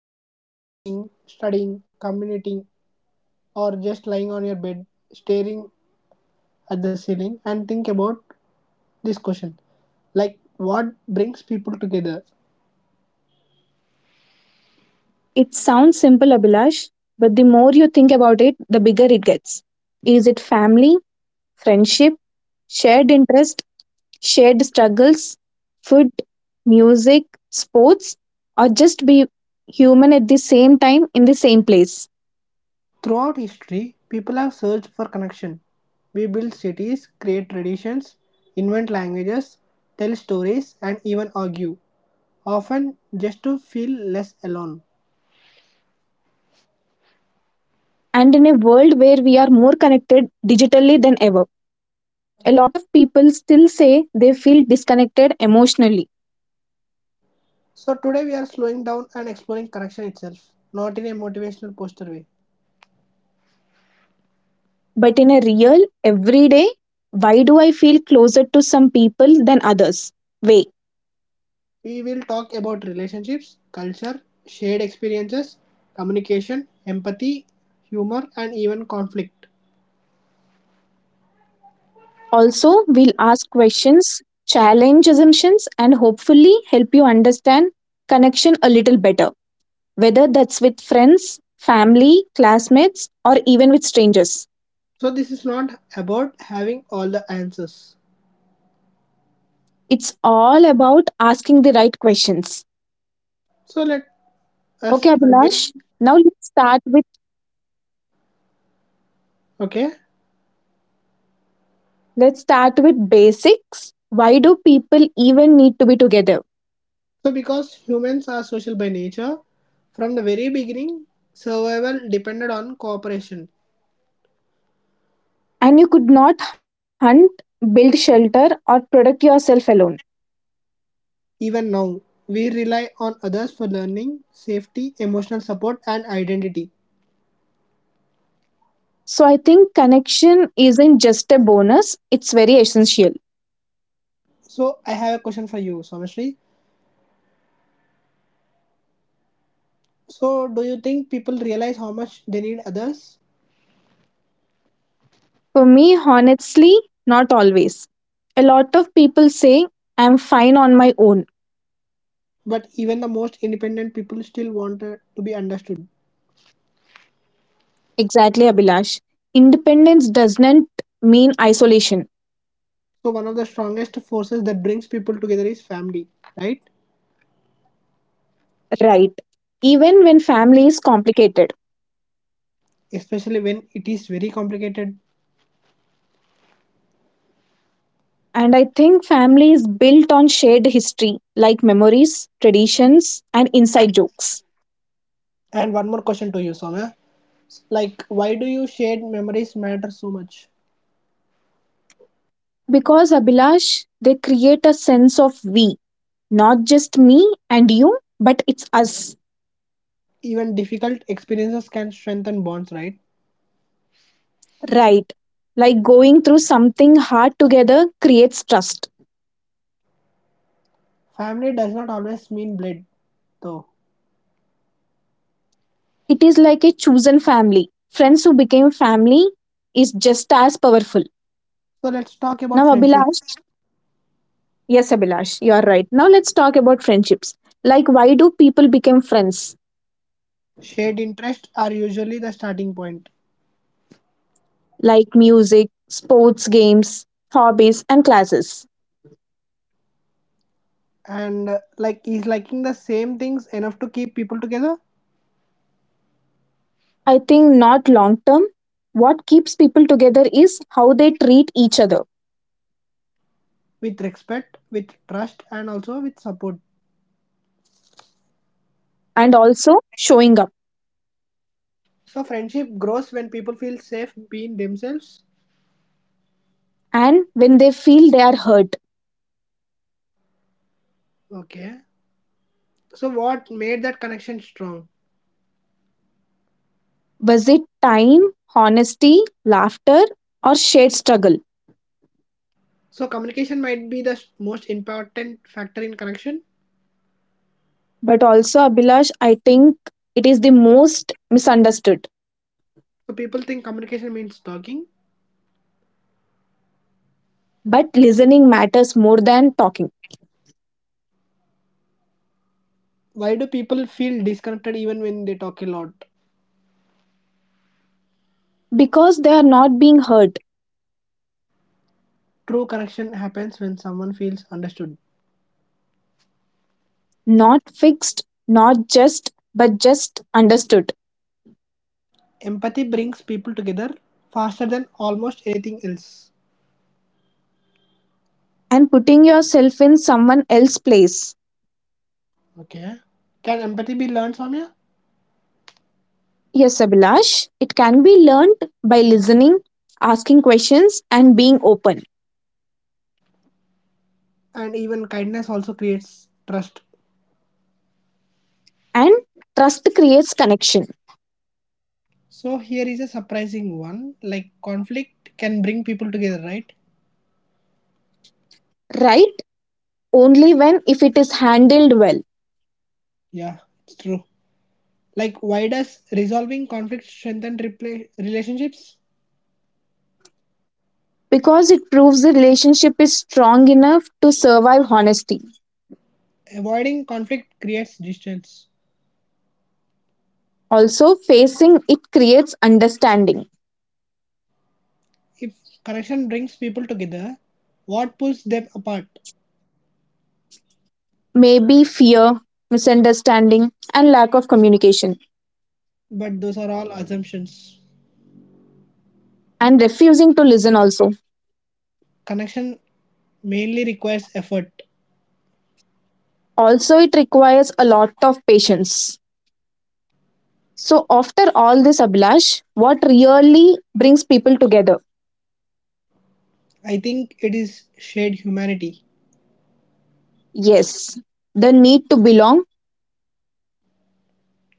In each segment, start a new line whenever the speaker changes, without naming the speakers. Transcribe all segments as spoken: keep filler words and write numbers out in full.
are, walking, studying, commuting, or just lying on your bed, staring at the ceiling, and think about this question: like what brings people together?
It sounds simple, Abhilash, but the more you think about it, the bigger it gets. Is it family, friendship, shared interest, shared struggles, food, music, sports, or just be human at the same time in the same place?
Throughout history, people have searched for connection. We build cities, create traditions, invent languages, tell stories, and even argue, often just to feel less alone.
And in a world where we are more connected digitally than ever, a lot of people still say they feel disconnected emotionally.
So, today we are slowing down and exploring connection itself, not in a motivational poster way.
But in a real, everyday, why do I feel closer to some people than others? Way.
We will talk about relationships, culture, shared experiences, communication, empathy, humor, and even conflict.
Also, we'll ask questions, challenge assumptions, and hopefully help you understand connection a little better, whether that's with friends, family, classmates, or even with strangers.
So, this is not about having all the answers.
It's all about asking the right questions.
So, let
Okay,
us
Abhilash.
again.
Now let's start with
Okay.
Let's start with basics. Why do people even need to be together?
So, because humans are social by nature, from the very beginning, survival depended on cooperation.
And you could not hunt, build shelter, or protect yourself alone.
Even now, we rely on others for learning, safety, emotional support, and identity.
So I think connection isn't just a bonus, it's very essential.
So, I have a question for you, Somashri. So, do you think people realize how much they need others?
For me, honestly, not always. A lot of people say I'm fine on my own.
But even the most independent people still want uh, to be understood.
Exactly, Abhilash. Independence doesn't mean isolation,
So, one of the strongest forces that brings people together is family, right?
right? Even when family is complicated.
Especially when it is very complicated.
And I think family is built on shared history, like memories, traditions, and inside jokes.
And one more question to you, Somya. Like, why do you shared memories matter so much?
Because, Abhilash, they create a sense of we, not just me and you, but it's us,
Even difficult experiences can strengthen bonds, right?
right? Like going through something hard together creates trust.
Family does not always mean blood, though.
It is like a chosen family. Friends who became family is just as powerful.
So let's talk about
Now,
friendships.
Abhilash, yes, Abhilash, you are right. Now, let's talk about friendships. Like, why do people become friends?
Shared interests are usually the starting point,
Like music, sports, games, hobbies, and classes.
and uh, like is liking the same things enough to keep people together
I think not long term. What keeps people together is how they treat each other,
with respect, with trust, and also with support.
and also showing up.
So friendship grows when people feel safe being themselves.
And when they feel they are hurt,
Okay. So what made that connection strong?
was it time, honesty, laughter, or shared struggle?
So communication might be the most important factor in connection.
But also, Abhilash, I think it is the most misunderstood.
So people think communication means talking.
But listening matters more than talking,
Why do people feel disconnected even when they talk a lot?
because they are not being heard,
True connection happens when someone feels understood.
not fixed, not just, but just understood.
Empathy brings people together faster than almost anything else.
And putting yourself in someone else's place.
Okay. Can empathy be learned, Soumya?
Yes, Abhilash, it can be learned by listening, asking questions, and being open.
And even kindness also creates trust.
And trust creates connection,
So here is a surprising one. Like conflict can bring people together, right?
right? Only when if it is handled well,
Yeah, it's true. Like, why does resolving conflict strengthen repla relationships?
because it proves the relationship is strong enough to survive honesty.
Avoiding conflict creates distance.
Also, facing it creates understanding,
If connection brings people together, what pulls them apart?
maybe fear, misunderstanding, and lack of communication,
But those are all assumptions.
and refusing to listen also.
Connection mainly requires effort.
Also, it requires a lot of patience. So after all this, Abhilash, what really brings people together?
I think it is shared humanity.
Yes, the need to belong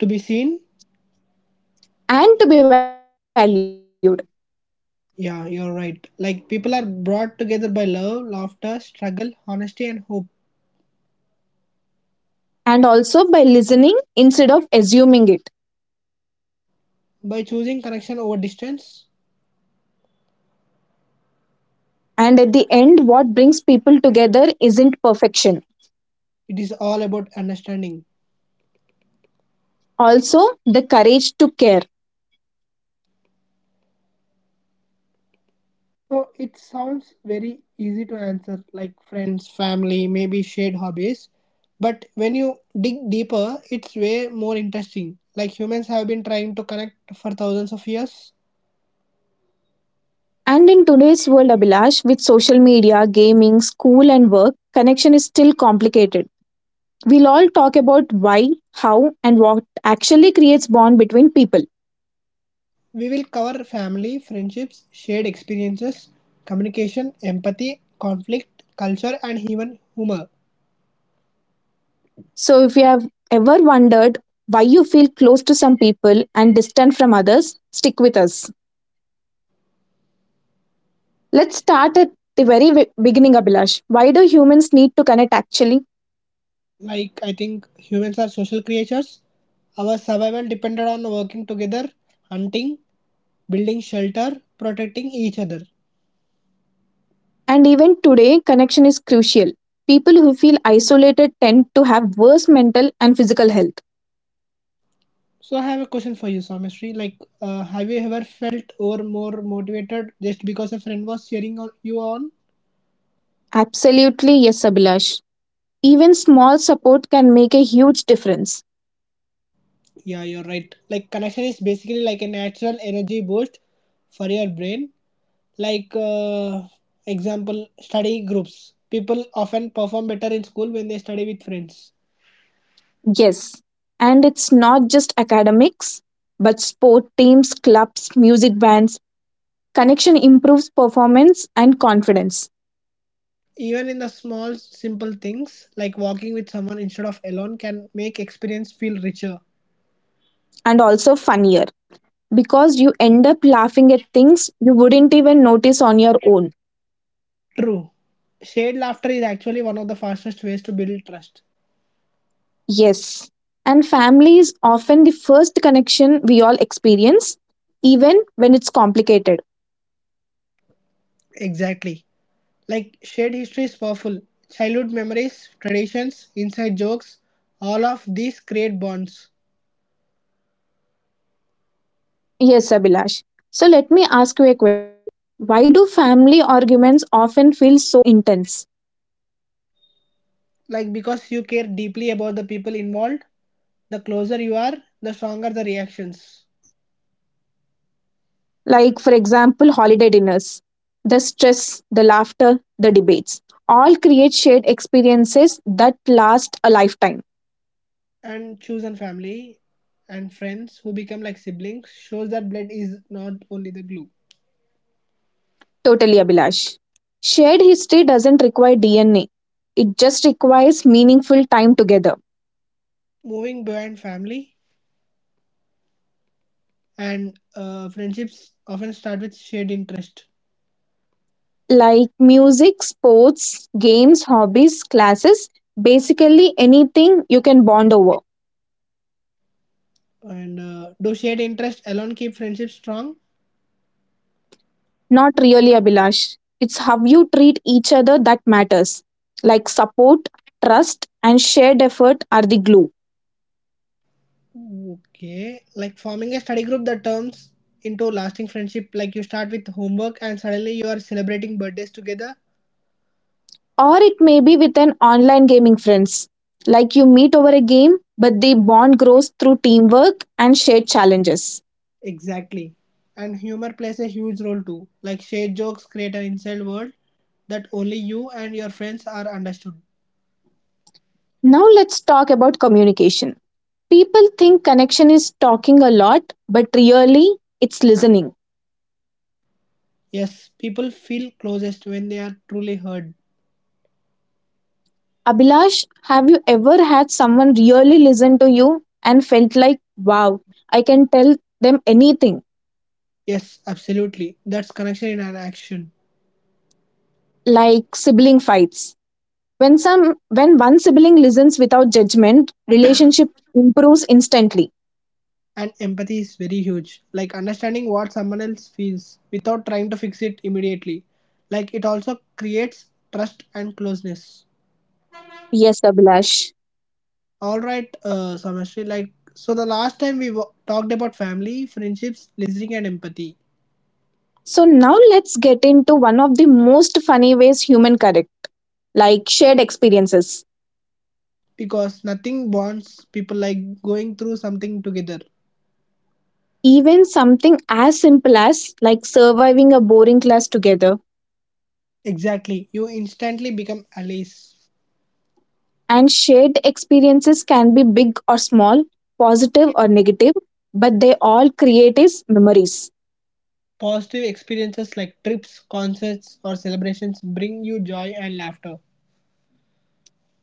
To be seen?
and to be valued,
Yeah, you're right. Like, people are brought together by love, laughter, struggle, honesty, and hope.
and also by listening instead of assuming it.
By choosing connection over distance,
And at the end, what brings people together isn't perfection,
it is all about understanding.
also the courage to care.
So it sounds very easy to answer, like friends, family, maybe shared hobbies. But when you dig deeper, it's way more interesting. Like humans have been trying to connect for thousands of years.
And in today's world, Abhilash, with social media, gaming, school, and work, connection is still complicated. We'll all talk about why, how, and what actually creates bond between people.
We will cover family, friendships, shared experiences, communication, empathy, conflict, culture, and even humor.
So, if you have ever wondered why you feel close to some people and distant from others, stick with us. Let's start at the very wi- beginning, Abhilash. Why do humans need to connect actually?
Like I think humans are social creatures. Our survival depended on working together, hunting, building shelter, protecting each other.
And even today, connection is crucial. People who feel isolated tend to have worse mental and physical health.
So I have a question for you, Samishri. Like, uh, have you ever felt or more motivated just because a friend was cheering on you on?
Absolutely, yes, Abhilash. Even small support can make a huge difference.
Yeah, you're right. Like, connection is basically like a natural energy boost for your brain. Like, uh, example, study groups. People often perform better in school when they study with friends.
Yes. And it's not just academics, but sport teams, clubs, music bands, connection improves performance and confidence,
Even in the small, simple things like walking with someone instead of alone can make experience feel richer.
and also funnier, because you end up laughing at things you wouldn't even notice on your own.
True. Shared laughter is actually one of the fastest ways to build trust.
Yes, and family is often the first connection we all experience, even when it's complicated.
Exactly. Like shared history is powerful. Childhood memories, traditions, inside jokes, all of these create bonds.
Yes, Abhilash, so let me ask you a question: why do family arguments often feel so intense?
Like because you care deeply about the people involved, the closer you are, the stronger the reactions.
Like, for example, holiday dinners, the stress, the laughter, the debates, all create shared experiences that last a lifetime.
And chosen family and friends who become like siblings shows that blood is not only the glue.
Totally, Abhilash, shared history doesn't require D N A, it just requires meaningful time together.
Moving beyond family and uh, friendships often start with shared interest.
Like music, sports, games, hobbies, classes, basically anything you can bond over.
And uh, do shared interest alone keep friendships strong?
Not really, Abhilash. It's how you treat each other that matters. Like support, trust, and shared effort are the glue.
Okay, like forming a study group that turns into lasting friendship. Like you start with homework and suddenly you are celebrating birthdays together.
Or it may be with an online gaming friends. Like you meet over a game, but the bond grows through teamwork and shared challenges.
Exactly. And humor plays a huge role too. Like shared jokes create an inside world that only you and your friends are understood.
Now let's talk about communication. People think connection is talking a lot, but really it's listening.
Yes, people feel closest when they are truly heard.
Abhilash, have you ever had someone really listen to you and felt like, wow, I can tell them anything,
Yes, absolutely. That's connection in an action.
like sibling fights? When some when one sibling listens without judgment, relationship improves instantly.
And empathy is very huge. Like understanding what someone else feels without trying to fix it immediately. Like it also creates trust and closeness.
Yes, Abhilash.
All right, uh, Samashri. Like so, the last time we wa- talked about family, friendships, listening, and empathy.
So now let's get into one of the most funny ways human correct, like shared experiences.
Because nothing bonds people like going through something together.
Even something as simple as like surviving a boring class together.
Exactly. You instantly become allies.
And shared experiences can be big or small, positive or negative, but they all create is memories.
Positive experiences like trips, concerts, or celebrations bring you joy and laughter.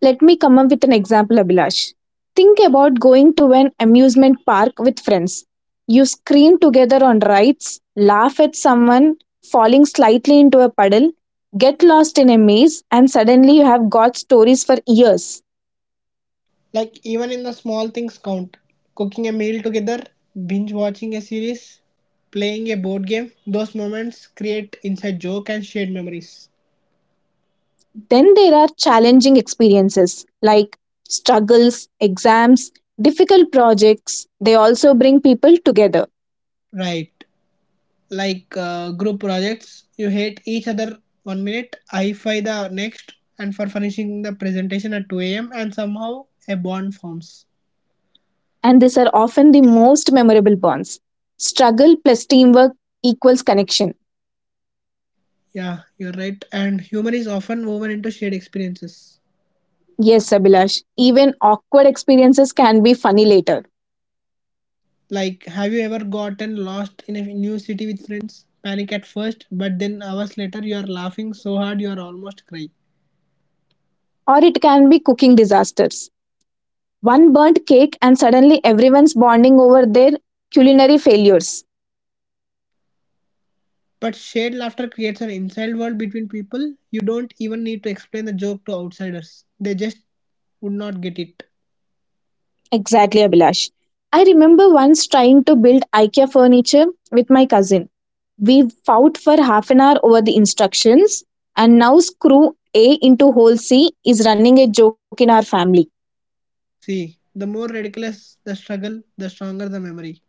Let me come up with an example, Abhilash. Think about going to an amusement park with friends. You scream together on rides, laugh at someone falling slightly into a puddle, get lost in a maze, and suddenly you have got stories for years.
Like even in the small things count. Cooking a meal together, binge watching a series, playing a board game, those moments create inside joke and shared memories.
Then there are challenging experiences like struggles, exams, difficult projects. They also bring people together,
Right. Like uh, group projects, you hate each other one minute, I fight the next, and for finishing the presentation at two a m and somehow a bond forms.
and these are often the most memorable bonds. Struggle plus teamwork equals connection.
Yeah, you're right. And humor is often woven into shared experiences.
Yes, Abhilash, even awkward experiences can be funny later,
Like, have you ever gotten lost in a new city with friends? Panic at first, but then hours later you are laughing so hard you are almost crying.
or it can be cooking disasters. One burnt cake, and suddenly everyone's bonding over their culinary failures.
But shared laughter creates an inside world between people. You don't even need to explain the joke to outsiders. They just would not get it.
Exactly, Abhilash. I remember once trying to build IKEA furniture with my cousin. We fought for half an hour over the instructions, and now screw A into hole C is running a joke in our family.
See, the more ridiculous the struggle, the stronger the memory.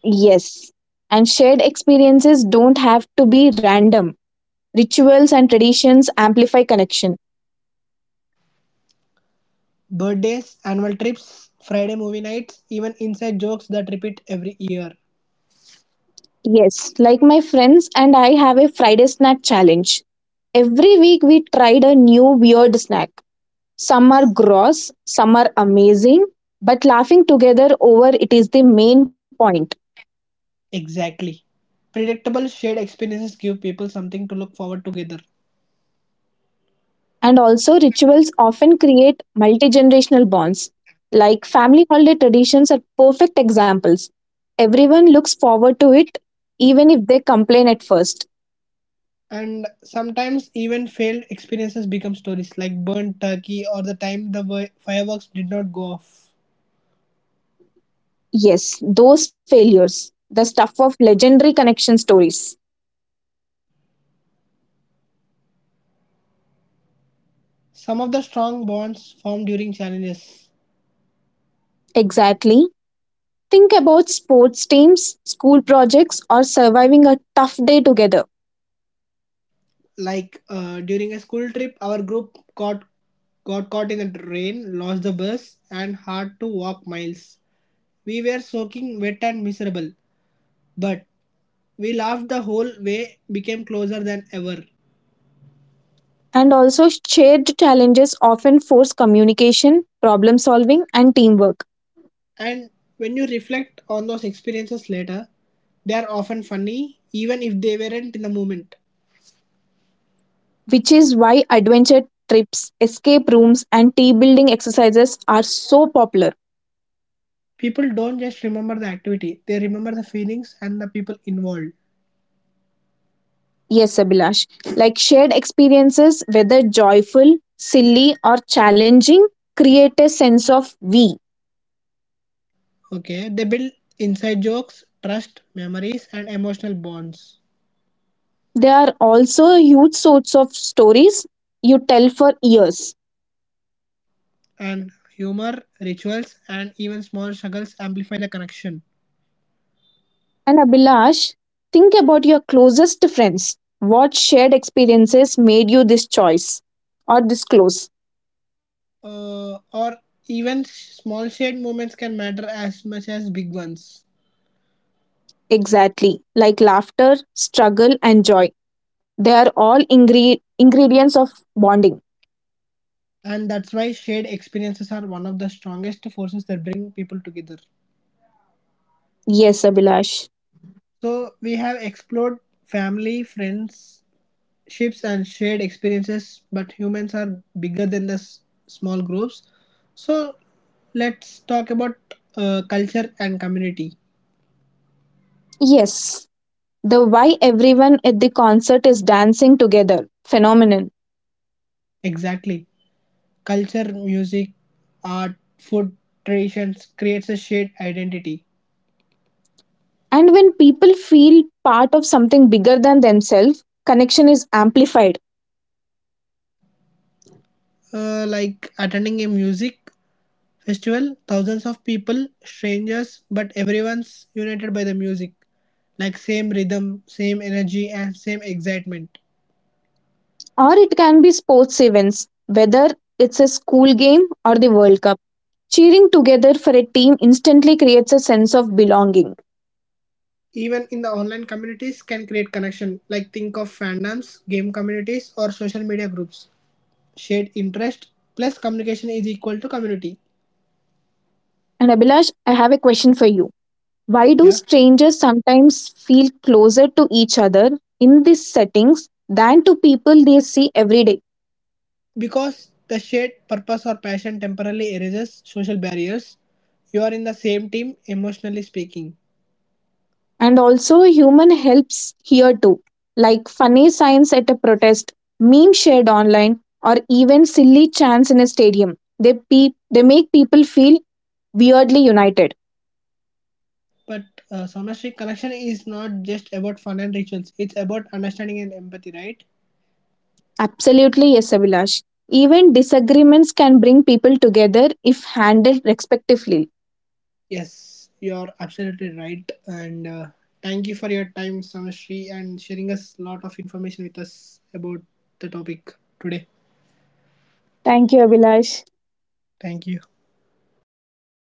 Yes, and shared experiences don't have to be random. Rituals and traditions amplify connection.
Birthdays, annual trips, Friday movie nights, even inside jokes that repeat every year.
Yes, like my friends and I have a Friday snack challenge. Every week we tried a new weird snack. Some are gross, some are amazing, but laughing together over it is the main point.
Exactly. Predictable shared experiences give people something to look forward together.
And also, rituals often create multi generational bonds. Like family holiday traditions are perfect examples. Everyone looks forward to it, even if they complain at first.
And sometimes even failed experiences become stories, like burnt turkey or the time the wi- fireworks did not go off.
Yes, those failures, the stuff of legendary connection stories.
Some of the strong bonds formed during challenges,
Exactly. Think about sports teams, school projects, or surviving a tough day together.
like uh, during a school trip our group got got caught in the rain, lost the bus, and had to walk miles. We were soaking wet and miserable, but we laughed the whole way, became closer than ever.
And also, shared challenges often force communication, problem solving, and teamwork,
And when you reflect on those experiences later, they are often funny even if they weren't in the moment.
which is why adventure trips, escape rooms, and team building exercises are so popular.
People don't just remember the activity, they remember the feelings and the people involved.
Yes, Abhilash. Like shared experiences, whether joyful, silly, or challenging, create a sense of we.
Okay, they build inside jokes, trust, memories, and emotional bonds.
They are also a huge source of stories you tell for years.
And humor, rituals, and even small struggles amplify the connection.
And Abhilash, think about your closest friends. What shared experiences made you this choice or this close?
Uh, or even sh- small shared moments can matter as much as big ones.
Exactly, like laughter, struggle, and joy. They are all ingre- ingredients of bonding.
And that's why shared experiences are one of the strongest forces that bring people together.
Yes, Abhilash.
So we have explored family, friendships, and shared experiences, but humans are bigger than the s- small groups. So let's talk about uh, culture and community.
Yes, the why everyone at the concert is dancing together phenomenon.
Exactly, culture, music, art, food, traditions creates a shared identity.
And when people feel part of something bigger than themselves, connection is amplified.
Uh, like attending a music festival, thousands of people, strangers, but everyone's united by the music. Like same rhythm, same energy, and same excitement.
Or it can be sports events, whether it's a school game or the World Cup. Cheering together for a team instantly creates a sense of belonging.
Even in the online communities can create connection. Like think of fandoms, game communities, or social media groups. Shared interest plus communication is equal to community.
And Abhilash, I have a question for you. Why do
Yeah,
strangers sometimes feel closer to each other in these settings than to people they see every day?
because the shared purpose or passion temporarily erases social barriers. You are in the same team, emotionally speaking.
And also, human helps here too, like funny signs at a protest, meme shared online, or even silly chants in a stadium. They, pe- they make people feel weirdly united.
But uh, somatic connection is not just about fun and rituals. It's about understanding and empathy, right?
Absolutely, yes, Abhilash. Even disagreements can bring people together if handled respectfully.
Yes, you're absolutely right. And uh, thank you for your time, Samashri, and sharing us a lot of information with us about the topic today.
Thank you, Abhilash.
Thank you.